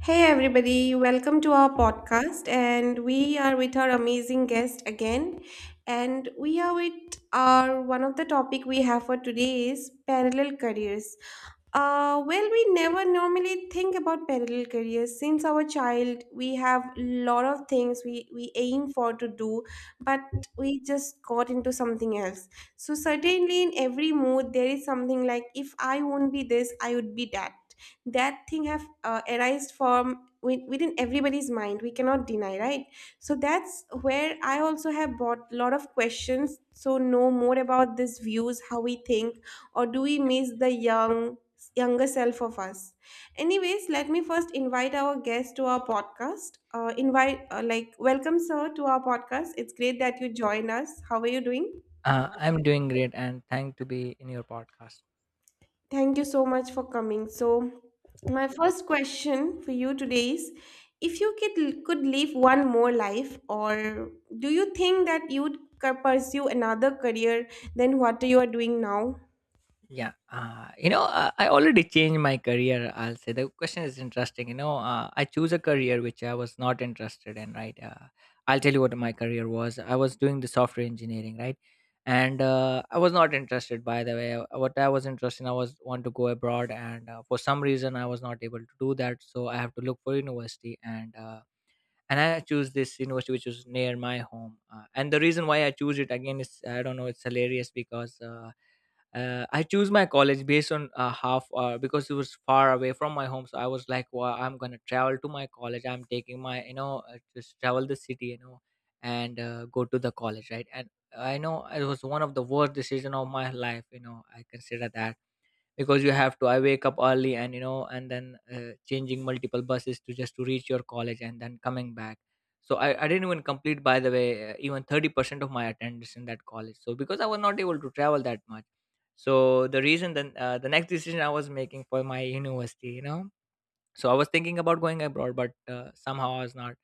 Hey everybody, welcome to our podcast, and we are with our amazing guest again. And we are with Our one of the topic we have for today is parallel careers. Well, we never normally think about parallel careers. Since our child, we have lot of things we aim for to do, but we just got into something else. So certainly in every mood, there is something like, if I won't be this, I would be that. That thing have arised from within everybody's mind. We cannot deny, right? So that's where I also have bought lot of questions, so know more about these views, how we think, or do we miss the younger self of us. Anyways, let me first invite our guest to our podcast. Invite like Welcome, sir, to our podcast. It's great that you join us. How are you doing? I'm doing great and thanked to be in your podcast. Thank you so much for coming. So, my first question for you today is, if you could live one more life, or do you think that you would pursue another career than what you are doing now? Yeah, I already changed my career. I'll say the question is interesting. I choose a career which I was not interested in, right? I'll tell you what my career was. I was doing the software engineering, right? And I was not interested, by the way. What I was interested in, I was want to go abroad, and for some reason, I was not able to do that. So I have to look for university and I choose this university which is near my home and the reason why I choose it again is I don't know, it's hilarious because I choose my college based on half because it was far away from my home. So I was like, well, I'm gonna travel to my college, I'm taking my just travel the city, you know. And go to the college, right? And I know it was one of the worst decision of my life, you know, I consider that, because you have to, I wake up early and you know, and then changing multiple buses to just to reach your college and then coming back. So I didn't even complete, by the way, even 30% of my attendance in that college, so because I was not able to travel that much. So the reason then the next decision I was making for my university, you know. So I was thinking about going abroad but somehow I was not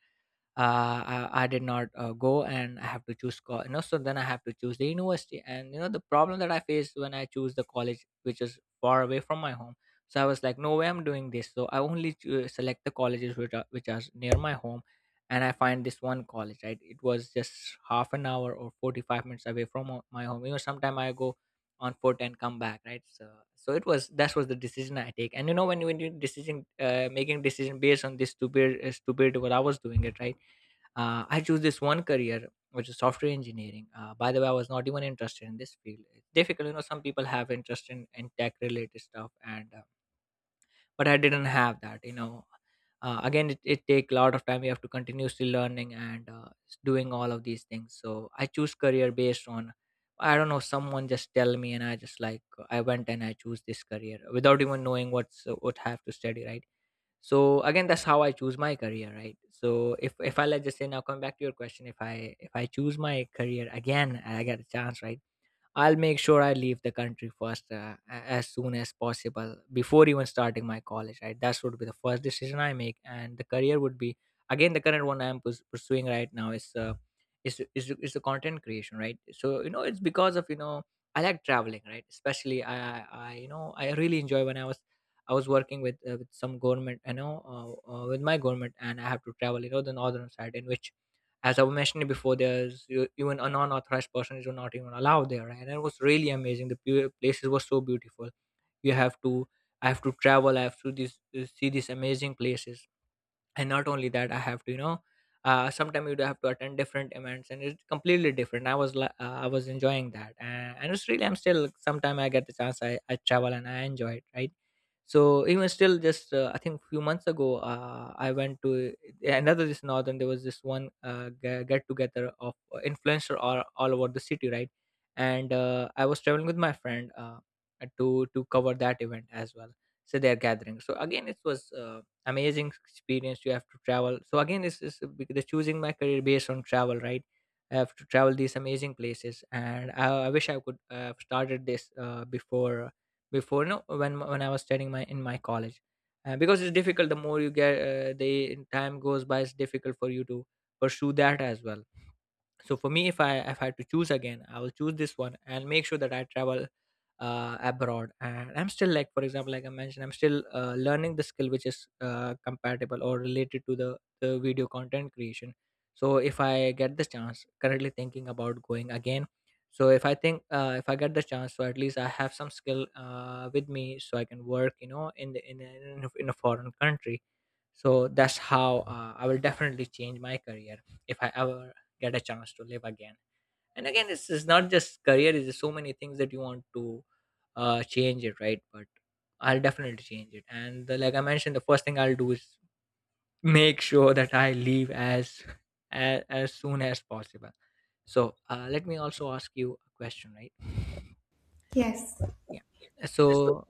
I did not go, and I have to choose you know, so then I have to choose the university. And you know, the problem that I faced when I choose the college which is far away from my home, so I was like, no way I'm doing this. So I only select the colleges which are near my home. And I find this one college, right? It was just 1/2 an hour or 45 minutes away from my home. You know, sometime I go on foot and come back, right? So so it was, that was the decision I take. And you know, when you decision making decision based on this stupid stupid, what I was doing it, right? I chose this one career, which is software engineering. By the way, I was not even interested in this field. It's difficult, you know. Some people have interest in tech related stuff, and but I didn't have that. You know, again, it take a lot of time. You have to continuously learning and doing all of these things. So I choose career based on. I don't know. Someone just tell me, and I just like, I went and I choose this career without even knowing what's what I have to study, right? So again, that's how I choose my career, right? So if I let's just say, now come back to your question, if I choose my career again and I get a chance, right? I'll make sure I leave the country first, as soon as possible, before even starting my college. Right, that would be the first decision I make, and the career would be, again, the current one I'm pursuing right now is the content creation, right? So you know, it's because of, you know, I like traveling, right? Especially I you know, I really enjoy when I was, I was working with some government, you know, with my government, and I have to travel, you know, the northern side in which, as I mentioned before, there's even a non-authorized person is not even allowed there, right? And it was really amazing. The places were so beautiful. You have to, I have to travel, I have to this, see these amazing places. And not only that, I have to, you know, sometimes you do have to attend different events and it's completely different. I was I was enjoying that, and it's really, I'm still like, sometime I get the chance, I travel and I enjoy it, right? So even still, just I think few months ago I went to another this northern, there was this one get together of influencer all over the city, right? And I was traveling with my friend, to cover that event as well, so they're gathering. So again, it was amazing experience, you have to travel. So again, this is the choosing my career based on travel, right? I have to travel these amazing places. And I wish I could have started this before, before no, when when I was studying my in my college, because it's difficult, the more you get the time goes by, it's difficult for you to pursue that as well. So for me, if I had to choose again, I will choose this one and make sure that I travel abroad. And I'm still like, for example, like I mentioned, I'm still learning the skill which is compatible or related to the video content creation. So if I get this chance, currently thinking about going again. So if I think, if I get the chance, so at least I have some skill with me, so I can work, you know, in the in a foreign country. So that's how I will definitely change my career if I ever get a chance to live again. And again, this is not just career, it's so many things that you want to change it, right? But I'll definitely change it. And the, like I mentioned, the first thing I'll do is make sure that I leave as as soon as possible. So let me also ask you a question, right? Yes, Yeah. So,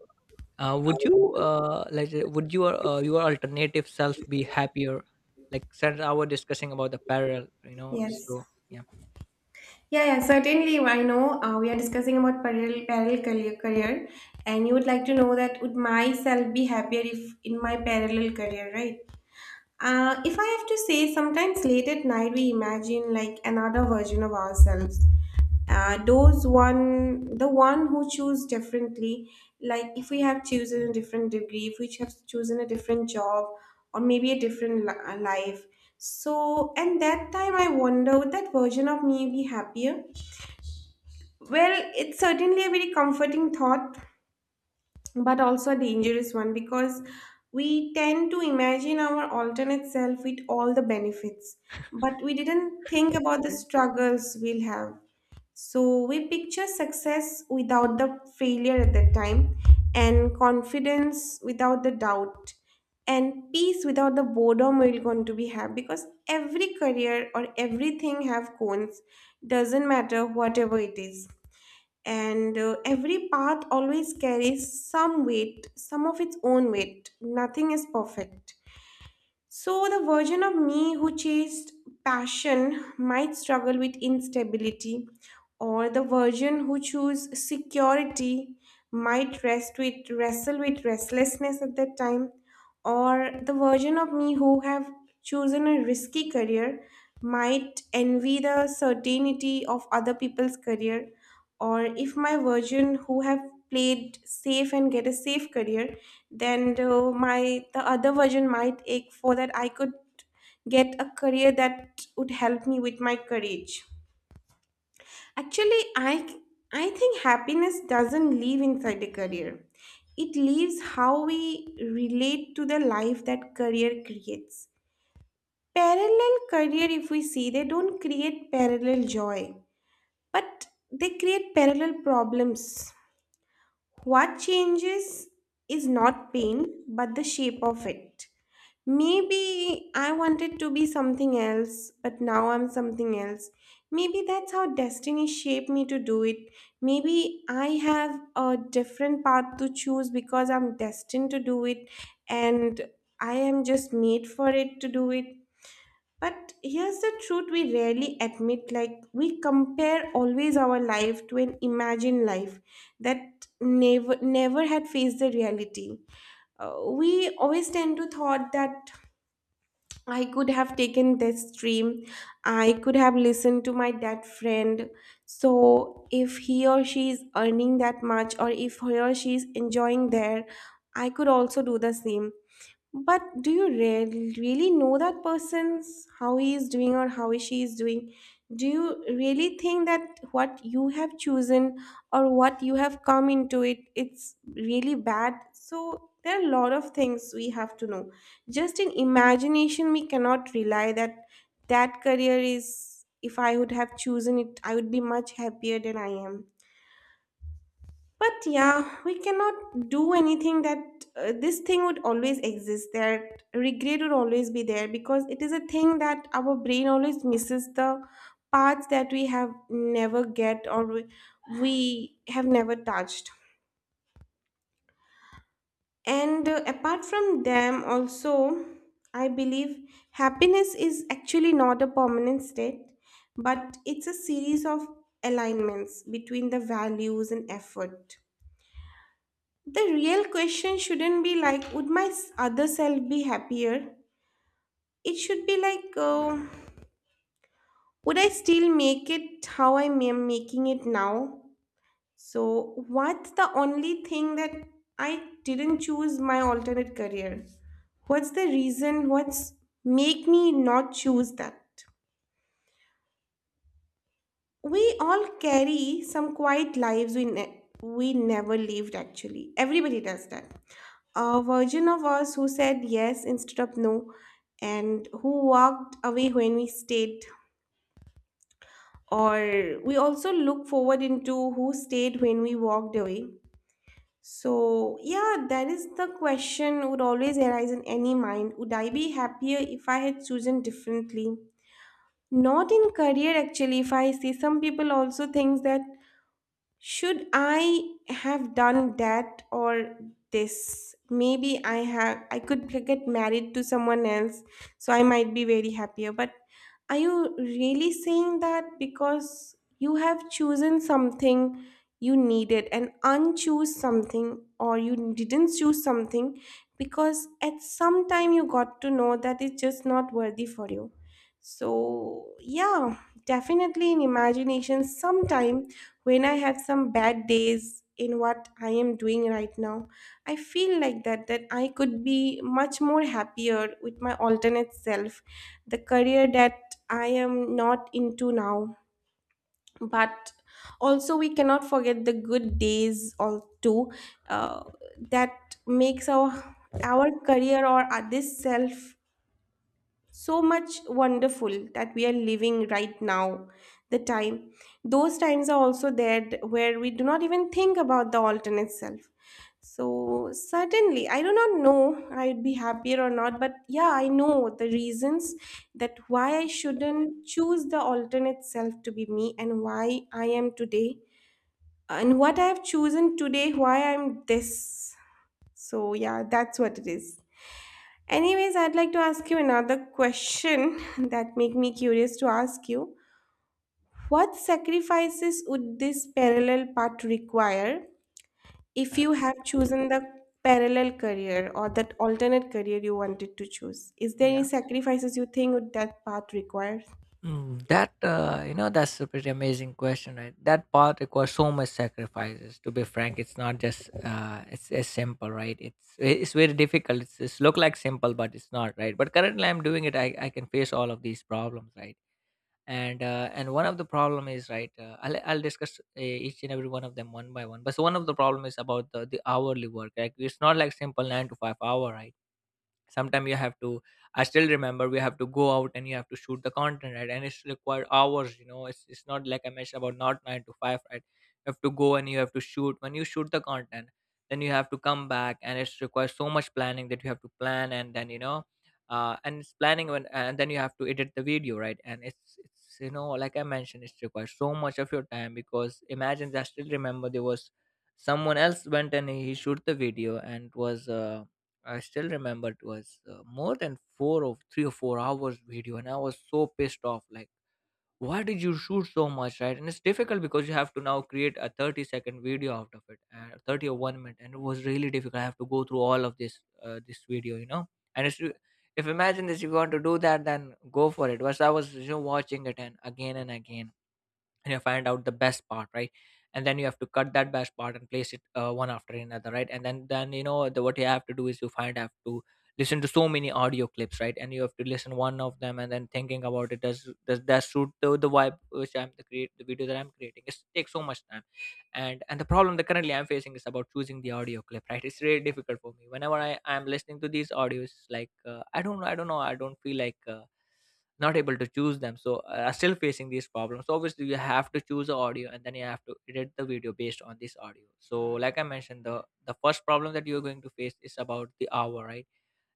would you like would your alternative self be happier? Like since I was discussing about the parallel, you know. yes. So yeah, Yeah, yeah, certainly. I know, we are discussing about parallel career, and you would like to know that would myself be happier if in my parallel career, right? If I have to say, sometimes late at night we imagine like another version of ourselves. Those one, the one who choose differently, like if we have chosen a different degree, if we have chosen a different job, or maybe a different life. So, and that time I wonder, would that version of me be happier? Well, it's certainly a very comforting thought, but also a dangerous one, because we tend to imagine our alternate self with all the benefits, but we didn't think about the Mm. struggles we'll have. So we picture success without the failure at that time, and confidence without the doubt, and peace without the boredom we're going to be have, because every career or everything have cons, doesn't matter whatever it is. And every path always carries some weight, some of its own weight. Nothing is perfect. So, the version of me who chased passion might struggle with instability, or the version who chose security might rest with wrestle with restlessness at that time, or the version of me who have chosen a risky career might envy the certainty of other people's career, or if my version who have played safe and get a safe career, then the other version might ache for that I could get a career that would help me with my courage. Actually, I think happiness doesn't live inside the career. It lives how we relate to the life that career creates. Parallel career, if we see, they don't create parallel joy, but they create parallel problems. What changes is not pain, but the shape of it. Maybe I wanted to be something else, but now I'm something else. Maybe that's how destiny shaped me to do it. Maybe I have a different path to choose because I'm destined to do it, and I am just made for it to do it. But here's the truth we rarely admit: like we compare always our life to an imagined life that never had faced the reality. We always tend to thought that I could have taken this stream, I could have listened to my that friend. So if he or she is earning that much, or if he or she is enjoying there, I could also do the same. But do you really know that person's how he is doing or how she is doing? Do you really think that what you have chosen or what you have come into it, it's really bad? So there are a lot of things we have to know. Just in imagination, we cannot rely that that career is. If I would have chosen it, I would be much happier than I am. But yeah, we cannot do anything, that this thing would always exist. That regret would always be there, because it is a thing that our brain always misses the parts that we have never get, or we have never touched. And apart from them, also, I believe happiness is actually not a permanent state, but it's a series of alignments between the values and effort. The real question shouldn't be like, would my other self be happier? It should be like, would I still make it how I am making it now? So, what's the only thing that I didn't choose my alternate career? What's the reason? What's make me not choose that? We all carry some quiet lives we never lived. Actually, everybody does that. A version of us who said yes instead of no, and who walked away when we stayed, or we also look forward into who stayed when we walked away. So yeah, that is the question would always arise in any mind: would I be happier if I had chosen differently? Not in career actually. If I see, some people also thinks that, should I have done that, or this? Maybe I could get married to someone else, so I might be very happier. But are you really saying that because you have chosen something you needed and unchoose something, or you didn't choose something because at some time you got to know that it's just not worthy for you? So yeah, definitely in imagination sometime, when I have some bad days in what I am doing right now, I feel like that I could be much more happier with my alternate self, the career that I am not into now. But also we cannot forget the good days all too. uh, that makes our career, or this self, so much wonderful that we are living right now. The time Those times are also there, where we do not even think about the alternate self. So certainly I do not know I'd be happier or not, but yeah, I know the reasons that why I shouldn't choose the alternate self to be me, and why I am today, and what I have chosen today, why I'm this. So, yeah, that's what it is. Anyways, I'd like to ask you another question that make me curious to ask you. What sacrifices would this parallel path require if you have chosen the parallel career, or that alternate career you wanted to choose? Is there Yeah. any sacrifices you think would that path require? Mm, that you know, that's a pretty amazing question, right? That part requires so much sacrifices. To be frank, it's not just it's as simple, right? It's very difficult. It's look like simple, but it's not, right? But currently, I'm doing it. I can face all of these problems, right? And and one of the problem is right I'll discuss each and every one of them one by one. But so one of the problem is about the hourly work, like it's not like simple 9 to 5 hour, right? Sometimes you have to, I still remember, we have to go out and you have to shoot the content, right? And it's required hours, you know, it's not like I mentioned about not 9 to 5, right? You have to go and you have to shoot. When you shoot the content, then you have to come back and it's requires so much planning that you have to plan and then, you know, and it's planning when, and then you have to edit the video, right? And you know, like I mentioned, it requires so much of your time. Because imagine, I still remember there was someone else went and he shoot the video, and it was I still remember it was more than 4 or 3 or 4 hours video, and I was so pissed off. Like, why did you shoot so much, right? And it's difficult because you have to now create a 30-second video out of it, 30 or 1 minute, and it was really difficult. I have to go through all of this this video, you know. And it's, if imagine this, if you want to do that, then go for it. But I was watching it and again and again, and you find out the best part, right? And then you have to cut that best part and place it one after another, right? And then what you have to do is you find have to listen to so many audio clips, right? And you have to listen one of them and then thinking about it, does that suit the vibe which I'm the create the video that I'm creating. It takes so much time. And the problem that currently I'm facing is about choosing the audio clip, right? It's really difficult for me whenever I'm listening to these audios, like I don't know, I don't know, I don't feel like not able to choose them, so are still facing these problems. So obviously you have to choose the audio and then you have to edit the video based on this audio. So like I mentioned, the first problem that you're going to face is about the hour, right?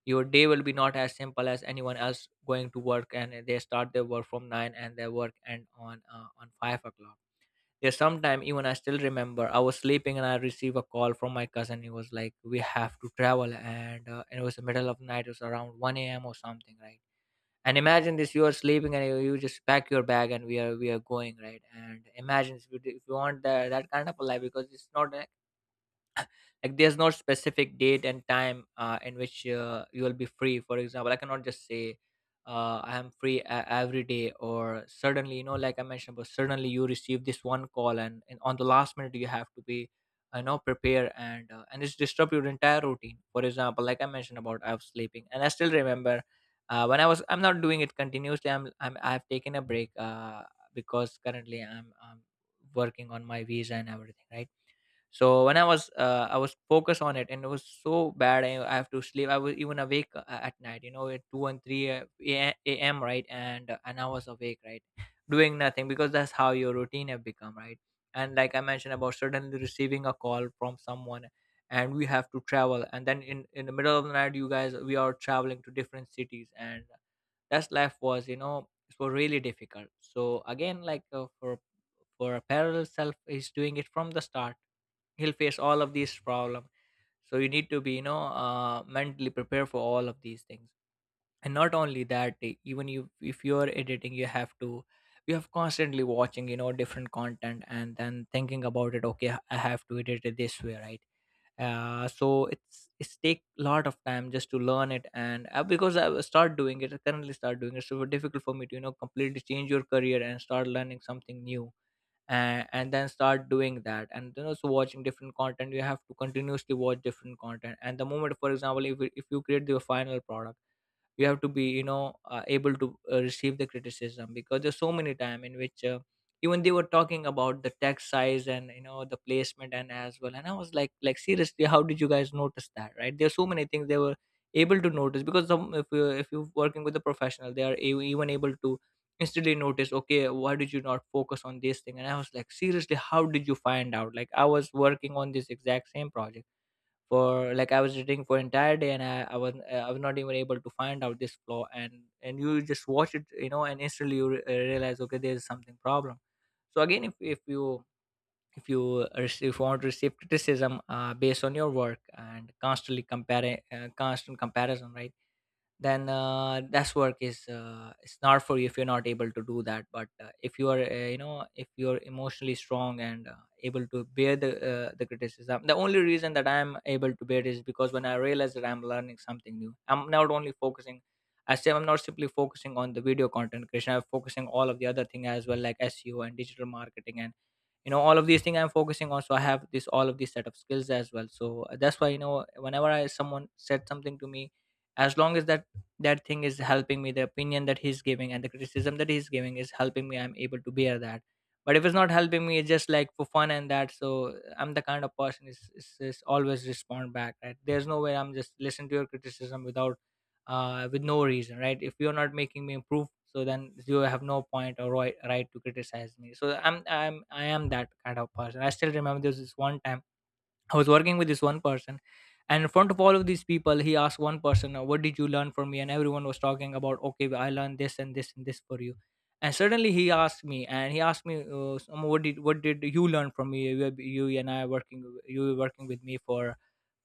Your day will be not as simple as anyone else going to work, and they start their work from 9 and their work end on 5 o'clock. There's sometime, even I still remember, I was sleeping and I received a call from my cousin. He was like, we have to travel, and it was the middle of night. It was around 1 a.m. or something, right? And imagine this, you are sleeping and you just pack your bag and we are going, right? And imagine if if you want that kind of a life. Because it's not an, like, there's no specific date and time in which you will be free. For example, I cannot just say I am free every day, or suddenly, you know, like I mentioned, but suddenly you receive this one call, and on the last minute you have to be, you know, prepare, and it's disrupt your entire routine. For example, like I mentioned about, I was sleeping and I still remember, when I was, I'm not doing it continuously. I'm I've taken a break, because currently I'm working on my visa and everything, right? So when I was I was focused on it, and it was so bad. I have to sleep. I was even awake at night, you know, at 2 and 3 am, right? And I was awake, right, doing nothing, because that's how your routine have become, right? And like I mentioned about suddenly receiving a call from someone, and we have to travel, and then in the middle of the night, you guys, we are traveling to different cities. And that's life was, you know, it was really difficult. So again, like for a parallel self is doing it from the start, he'll face all of these problems. So you need to be, you know, mentally prepared for all of these things. And not only that, even you, if you're editing, you have to, you have constantly watching, you know, different content, and then thinking about it, okay, I have to edit it this way, right? So it's take a lot of time just to learn it. And because I will start doing it, I currently start doing it, so it's difficult for me to, you know, completely change your career and start learning something new, and then start doing that. And then also watching different content, you have to continuously watch different content. And the moment, for example, if you create the final product, you have to be, you know, able to receive the criticism, because there's so many time in which even they were talking about the text size and, you know, the placement and as well. And I was like, seriously, how did you guys notice that, right? There's so many things they were able to notice, because some, if you, if you're working with a professional, they are even able to instantly notice, okay, why did you not focus on this thing? And I was like, seriously, how did you find out? Like, I was working on this exact same project for, like, I was reading for entire day, and I was not even able to find out this flaw. And you just watch it, you know, and instantly you realize, okay, there's something problem. So again, if you, if you if you want to receive criticism based on your work, and constantly comparing, constant comparison, right? Then that's work is, it's not for you if you're not able to do that. But if you are, you know, if you're emotionally strong, and able to bear the, the criticism. The only reason that I'm able to bear is because when I realize that I'm learning something new, I'm not only focusing, I say I'm not simply focusing on the video content creation. I'm focusing all of the other thing as well, like SEO and digital marketing, and, you know, all of these things I'm focusing on. So I have this, all of these set of skills as well. So that's why, you know, whenever I, someone said something to me, as long as that, that thing is helping me, the opinion that he's giving and the criticism that he's giving is helping me, I'm able to bear that. But if it's not helping me, it's just like for fun and that. So I'm the kind of person is always respond back, right? There's no way I'm just listen to your criticism without with no reason, right? If you're not making me improve, so then you have no point or right to criticize me. So I'm I am that kind of person. I still remember there was this one time I was working with this one person, and in front of all of these people, he asked one person, " "What did you learn from me?" And everyone was talking about, "Okay, I learned this and this and this for you." And suddenly he asked me, and he asked me, "Sam, " what did you learn from me? You and I are working, you were working with me for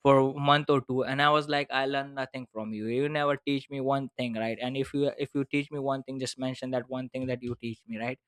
for a month or two?" And I was like, I learned nothing from you. You never teach me one thing, right? And if you, if you teach me one thing, just mention that one thing that you teach me, right?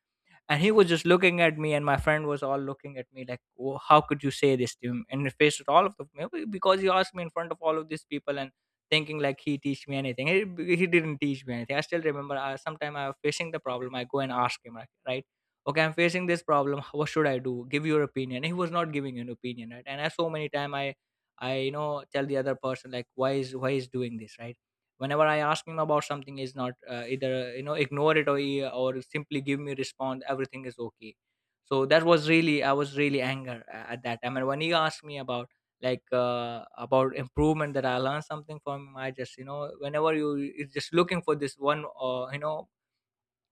And he was just looking at me, and my friend was all looking at me, like, oh, how could you say this to him and face with all of them, maybe because he asked me in front of all of these people. And thinking like, he teach me anything? He didn't teach me anything. I still remember, sometime I was facing the problem, I go and ask him, like, right, okay, I'm facing this problem, what should I do, give your opinion. He was not giving an opinion, right? And I, so many time, I, you know, tell the other person, like, why is, why is doing this, right? Whenever I ask him about something is not, either, you know, ignore it, or or simply give me response everything is okay. So that was really, I was really anger at that time. And when he asked me about, like, about improvement, that I learned something from him, I just, you know, whenever you is just looking for this one, you know,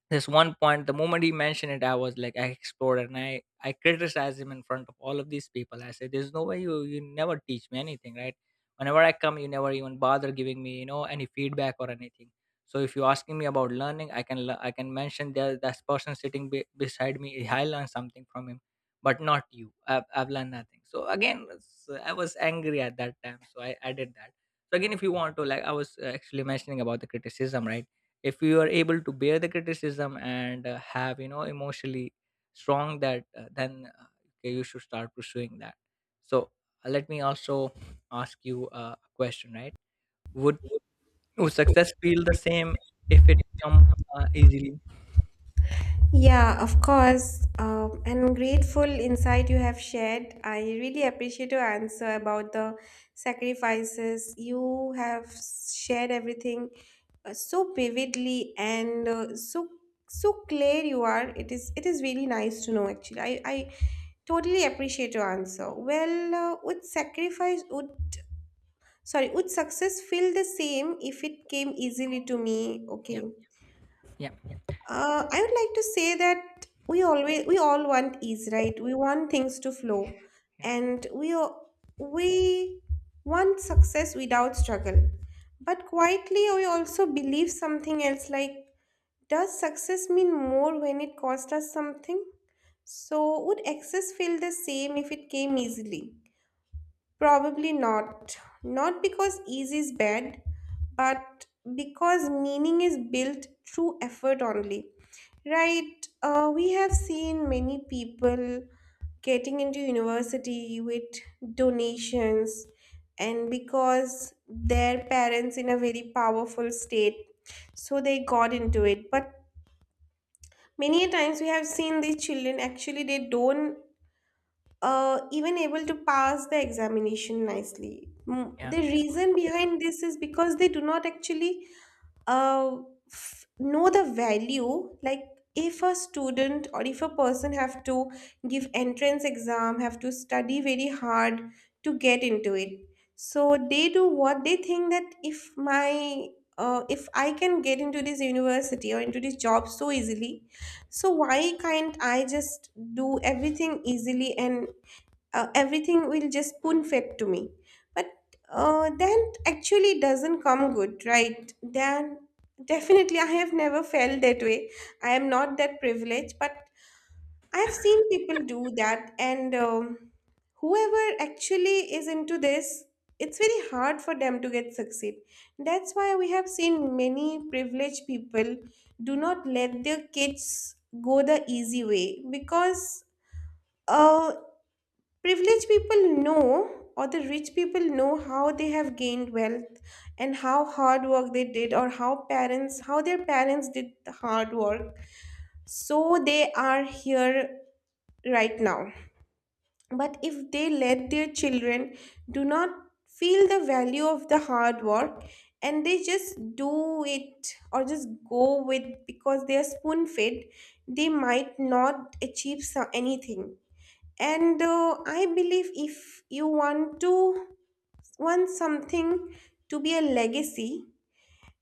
this one point, the moment he mentioned it, I was like, I exploded, and I criticized him in front of all of these people. I said, there's no way you, you never teach me anything, right? Whenever I come, you never even bother giving me, you know, any feedback or anything. So if you're asking me about learning, I can I can mention there, that person sitting beside me, I learned something from him, but not you. I've learned nothing. So again, I was angry at that time, so I did that. So again, if you want to, like, I was actually mentioning about the criticism, right? If you are able to bear the criticism, and have, you know, emotionally strong that, then okay, you should start pursuing that. So let me also ask you a question, right? would, would success feel the same if it come easily? Yeah, of course. And grateful insight you have shared. I really appreciate your answer about the sacrifices. You have shared everything so vividly, and so clear you are. It is really nice to know actually. I totally appreciate your answer. Well, would sacrifice would sorry would success feel the same if it came easily to me? Yeah. Okay. Yeah. I would like to say that we all want ease, right? We want things to flow, Yeah. and we want success without struggle. But quietly, we also believe something else. Like, does success mean more when it costs us something? So, would excess feel the same if it came easily? Probably not. Not because ease is bad, but because meaning is built through effort only. Right? We have seen many people getting into university with donations, and because their parents in a very powerful state, so they got into it. But many a times we have seen these children actually they don't even able to pass the examination nicely. Yeah. The reason behind this is because they do not actually uh, know the value. Like if a student, or if a person, have to give entrance exam, have to study very hard to get into it. So they do what they think that, if my if I can get into this university or into this job so easily, so why can't I just do everything easily, and everything will just spoon fed to me? But that actually doesn't come good, right? Then definitely I have never felt that way. I am not that privileged, but I have seen people do that. And whoever actually is into this, it's very hard for them to get succeed. That's why we have seen many privileged people do not let their kids go the easy way, because uh, Privileged people know, or the rich people know, how they have gained wealth and how hard work they did, or how their parents did the hard work. So they are here right now. But if they let their children do not feel the value of the hard work, and they just do it, or just go with because they are spoon fed, they might not achieve anything. And I believe, if you want to want something to be a legacy,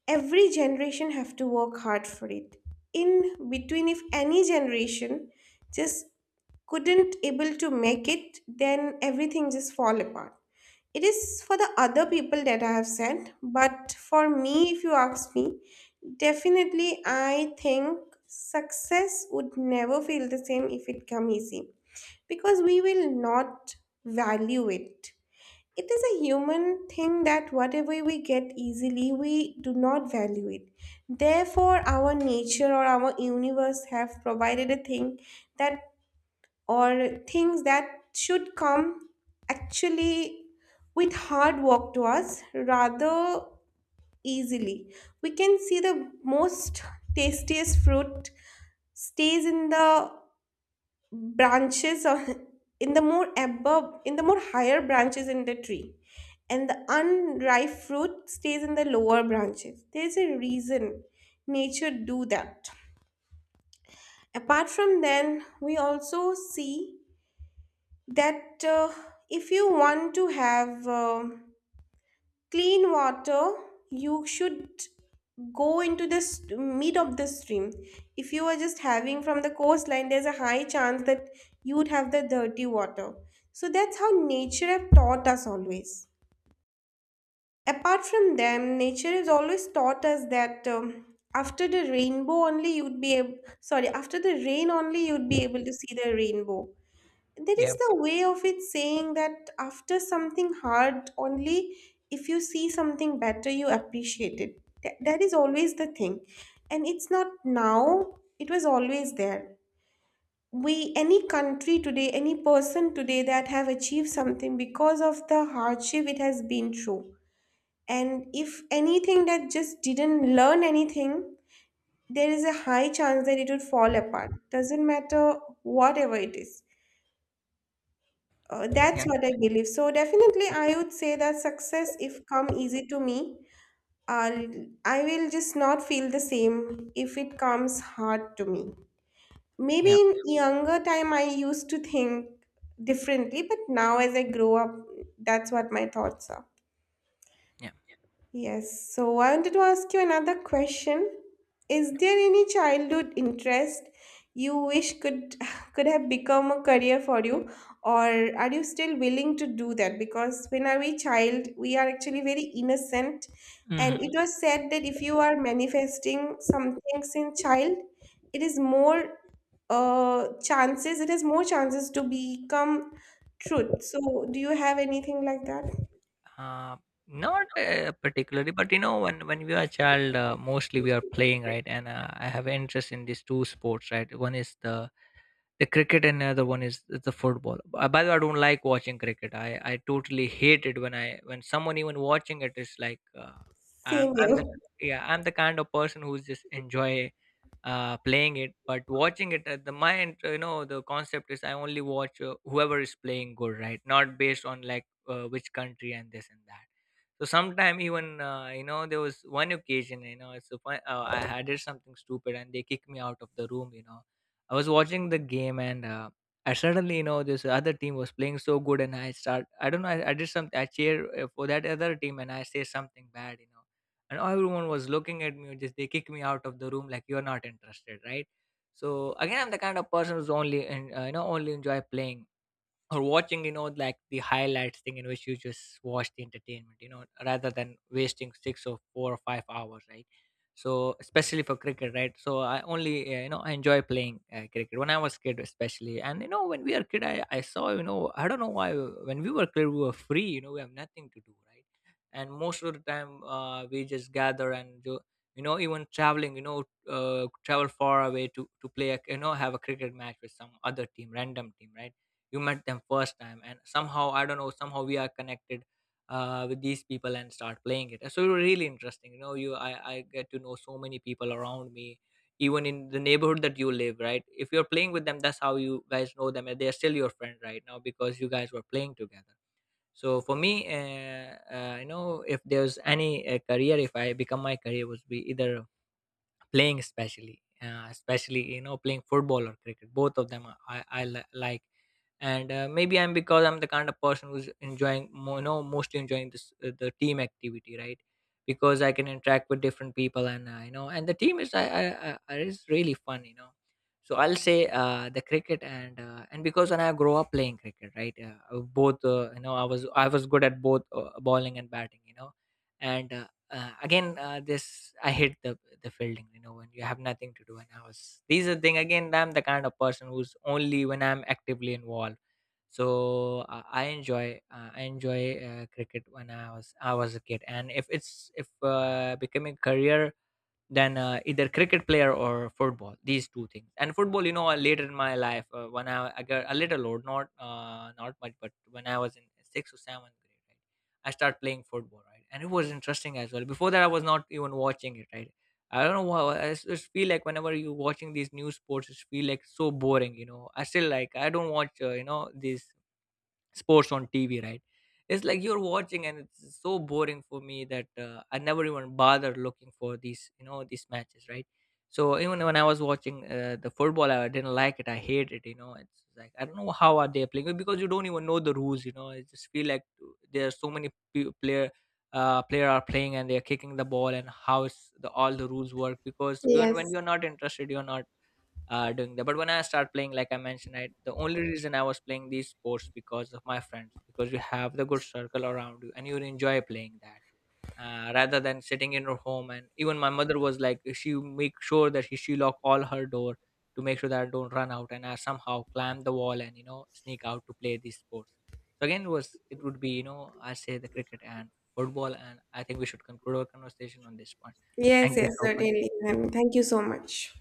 every generation have to work hard for it. In between, if any generation just couldn't able to make it, then everything just fall apart. It is for the other people that I have said, but for me, if you ask me, definitely I think success would never feel the same if it come easy, because we will not value it. It is a human thing that whatever we get easily, we do not value it. Therefore, our nature or our universe have provided a thing that, or things that should come actually with hard work to us rather easily. We can see the most tastiest fruit stays in the branches of, in the more higher branches in the tree, and the unripe fruit stays in the lower branches. There's a reason nature do that. Apart from then, we also see that if you want to have clean water, you should go into the mid of the stream. If you are just having from the coastline, there's a high chance that you would have the dirty water. So that's how nature have taught us always. Apart from them, nature has always taught us that, after the rainbow only you'd be ab- after the rain only you'd be able to see the rainbow. There Yeah. is the way of it saying that, after something hard only, if you see something better, you appreciate it. That is always the thing. And it's not now, it was always there. We any country today, any person today that have achieved something, because of the hardship it has been through. And if anything that just didn't learn anything, there is a high chance that it would fall apart, doesn't matter whatever it is. Yeah. Yeah. That's what I believe. So definitely, I would say that success, if come easy to me, I'll, I will just not feel the same if it comes hard to me. Maybe Yeah. in younger time, I used to think differently, but now as I grow up, that's what my thoughts are. Yeah. Yes, so I wanted to ask you another question. Is there any childhood interest you wish could could have become a career for you, or are you still willing to do that? Because when are we child, we are actually very innocent, and it Mhm. was said that if you are manifesting some things in child, it is more it has more chances to become truth. So do you have anything like that? uh, Not particularly, but you know, when we are a child, mostly we are playing, right? And I have interest in these two sports, right? One is the cricket and the other one is the football. By the way, I don't like watching cricket. I totally hate it. When I when someone even watching it, is like Same I'm here. the yeah, I'm the kind of person who's just enjoy playing it, but watching it at the mind, you know, the concept is I only watch, whoever is playing good, right? Not based on like which country and this and that. So sometime, even you know, there was one occasion, you know, it's a fun, I had did something stupid and they kicked me out of the room. You know, I was watching the game and I suddenly, you know, this other team was playing so good and I don't know, I did something, I cheer for that other team and I say something bad, you know, and everyone was looking at me, just they kick me out of the room like you're not interested, right. So again, I'm the kind of person who's only, and you know, only enjoy playing or watching, you know, like the highlights thing in which you just watch the entertainment, you know, rather than wasting 6 or 4 or 5 hours, right? So especially for cricket, right? So I only, you know, I enjoy playing cricket when I was kid especially. And you know, when we are kid, I saw you know, I don't know why, when we were kid, we were free, you know, we have nothing to do, right? And most of the time, we just gather and do, you know, even traveling, you know, travel far away to play a, you know, have a cricket match with some other team, random team, right? You met them first time and somehow, I don't know, somehow we are connected with these people and start playing it. So it was really interesting, you know, I get to know so many people around me, even in the neighborhood that you live, right? If you're playing with them, that's how you guys know them and they're still your friend right now, because you guys were playing together. So for me, you know, if there's any career, if I become my career, was be either playing, especially especially, you know, playing football or cricket, both of them like. And maybe I'm the kind of person who's enjoying you know, mostly enjoying this, the team activity, right? Because I can interact with different people, and you know, and the team is, I is really fun, you know. So I'll say the cricket, and because when I grow up playing cricket, right, both, you know, I was good at both, bowling and batting, you know. And again, this I hate the fielding, you know, when you have nothing to do. And I was these are the thing, again, I'm the kind of person who's only when I'm actively involved. So I enjoy, cricket when I was a kid. And if it's if becoming career, than either cricket player or football, these two things. And football, you know, later in my life, when I got a little old, not not much, but when I was in sixth or seventh grade, right, I started playing football, right, and it was interesting as well. Before that, I was not even watching it, right? I don't know why, just feel like whenever you watching these new sports, it feel like so boring, you know. I still like I don't watch, you know, these sports on TV, right? It's like you're watching, and it's so boring for me that I never even bother looking for these, you know, these matches, right? So even when I was watching the football, I didn't like it. I hate it. You know, it's like I don't know how are they playing it, because you don't even know the rules. You know, I just feel like there are so many player are playing, and they are kicking the ball, and how it's the all the rules work, because you are when Yes. you're not interested, you're not doing that. But when I start playing, like I mentioned, I, the only reason I was playing these sports because of my friends, because you have the good circle around you and you enjoy playing that. Rather than sitting in your home, and even my mother was like she make sure that she lock all her door to make sure that I don't run out and I somehow climb the wall and you know sneak out to play these sports. So again, it was, it would be, you know, I say the cricket and football. And I think we should conclude our conversation on this point. Thank Yes, you yes, so much. certainly. And thank you so much.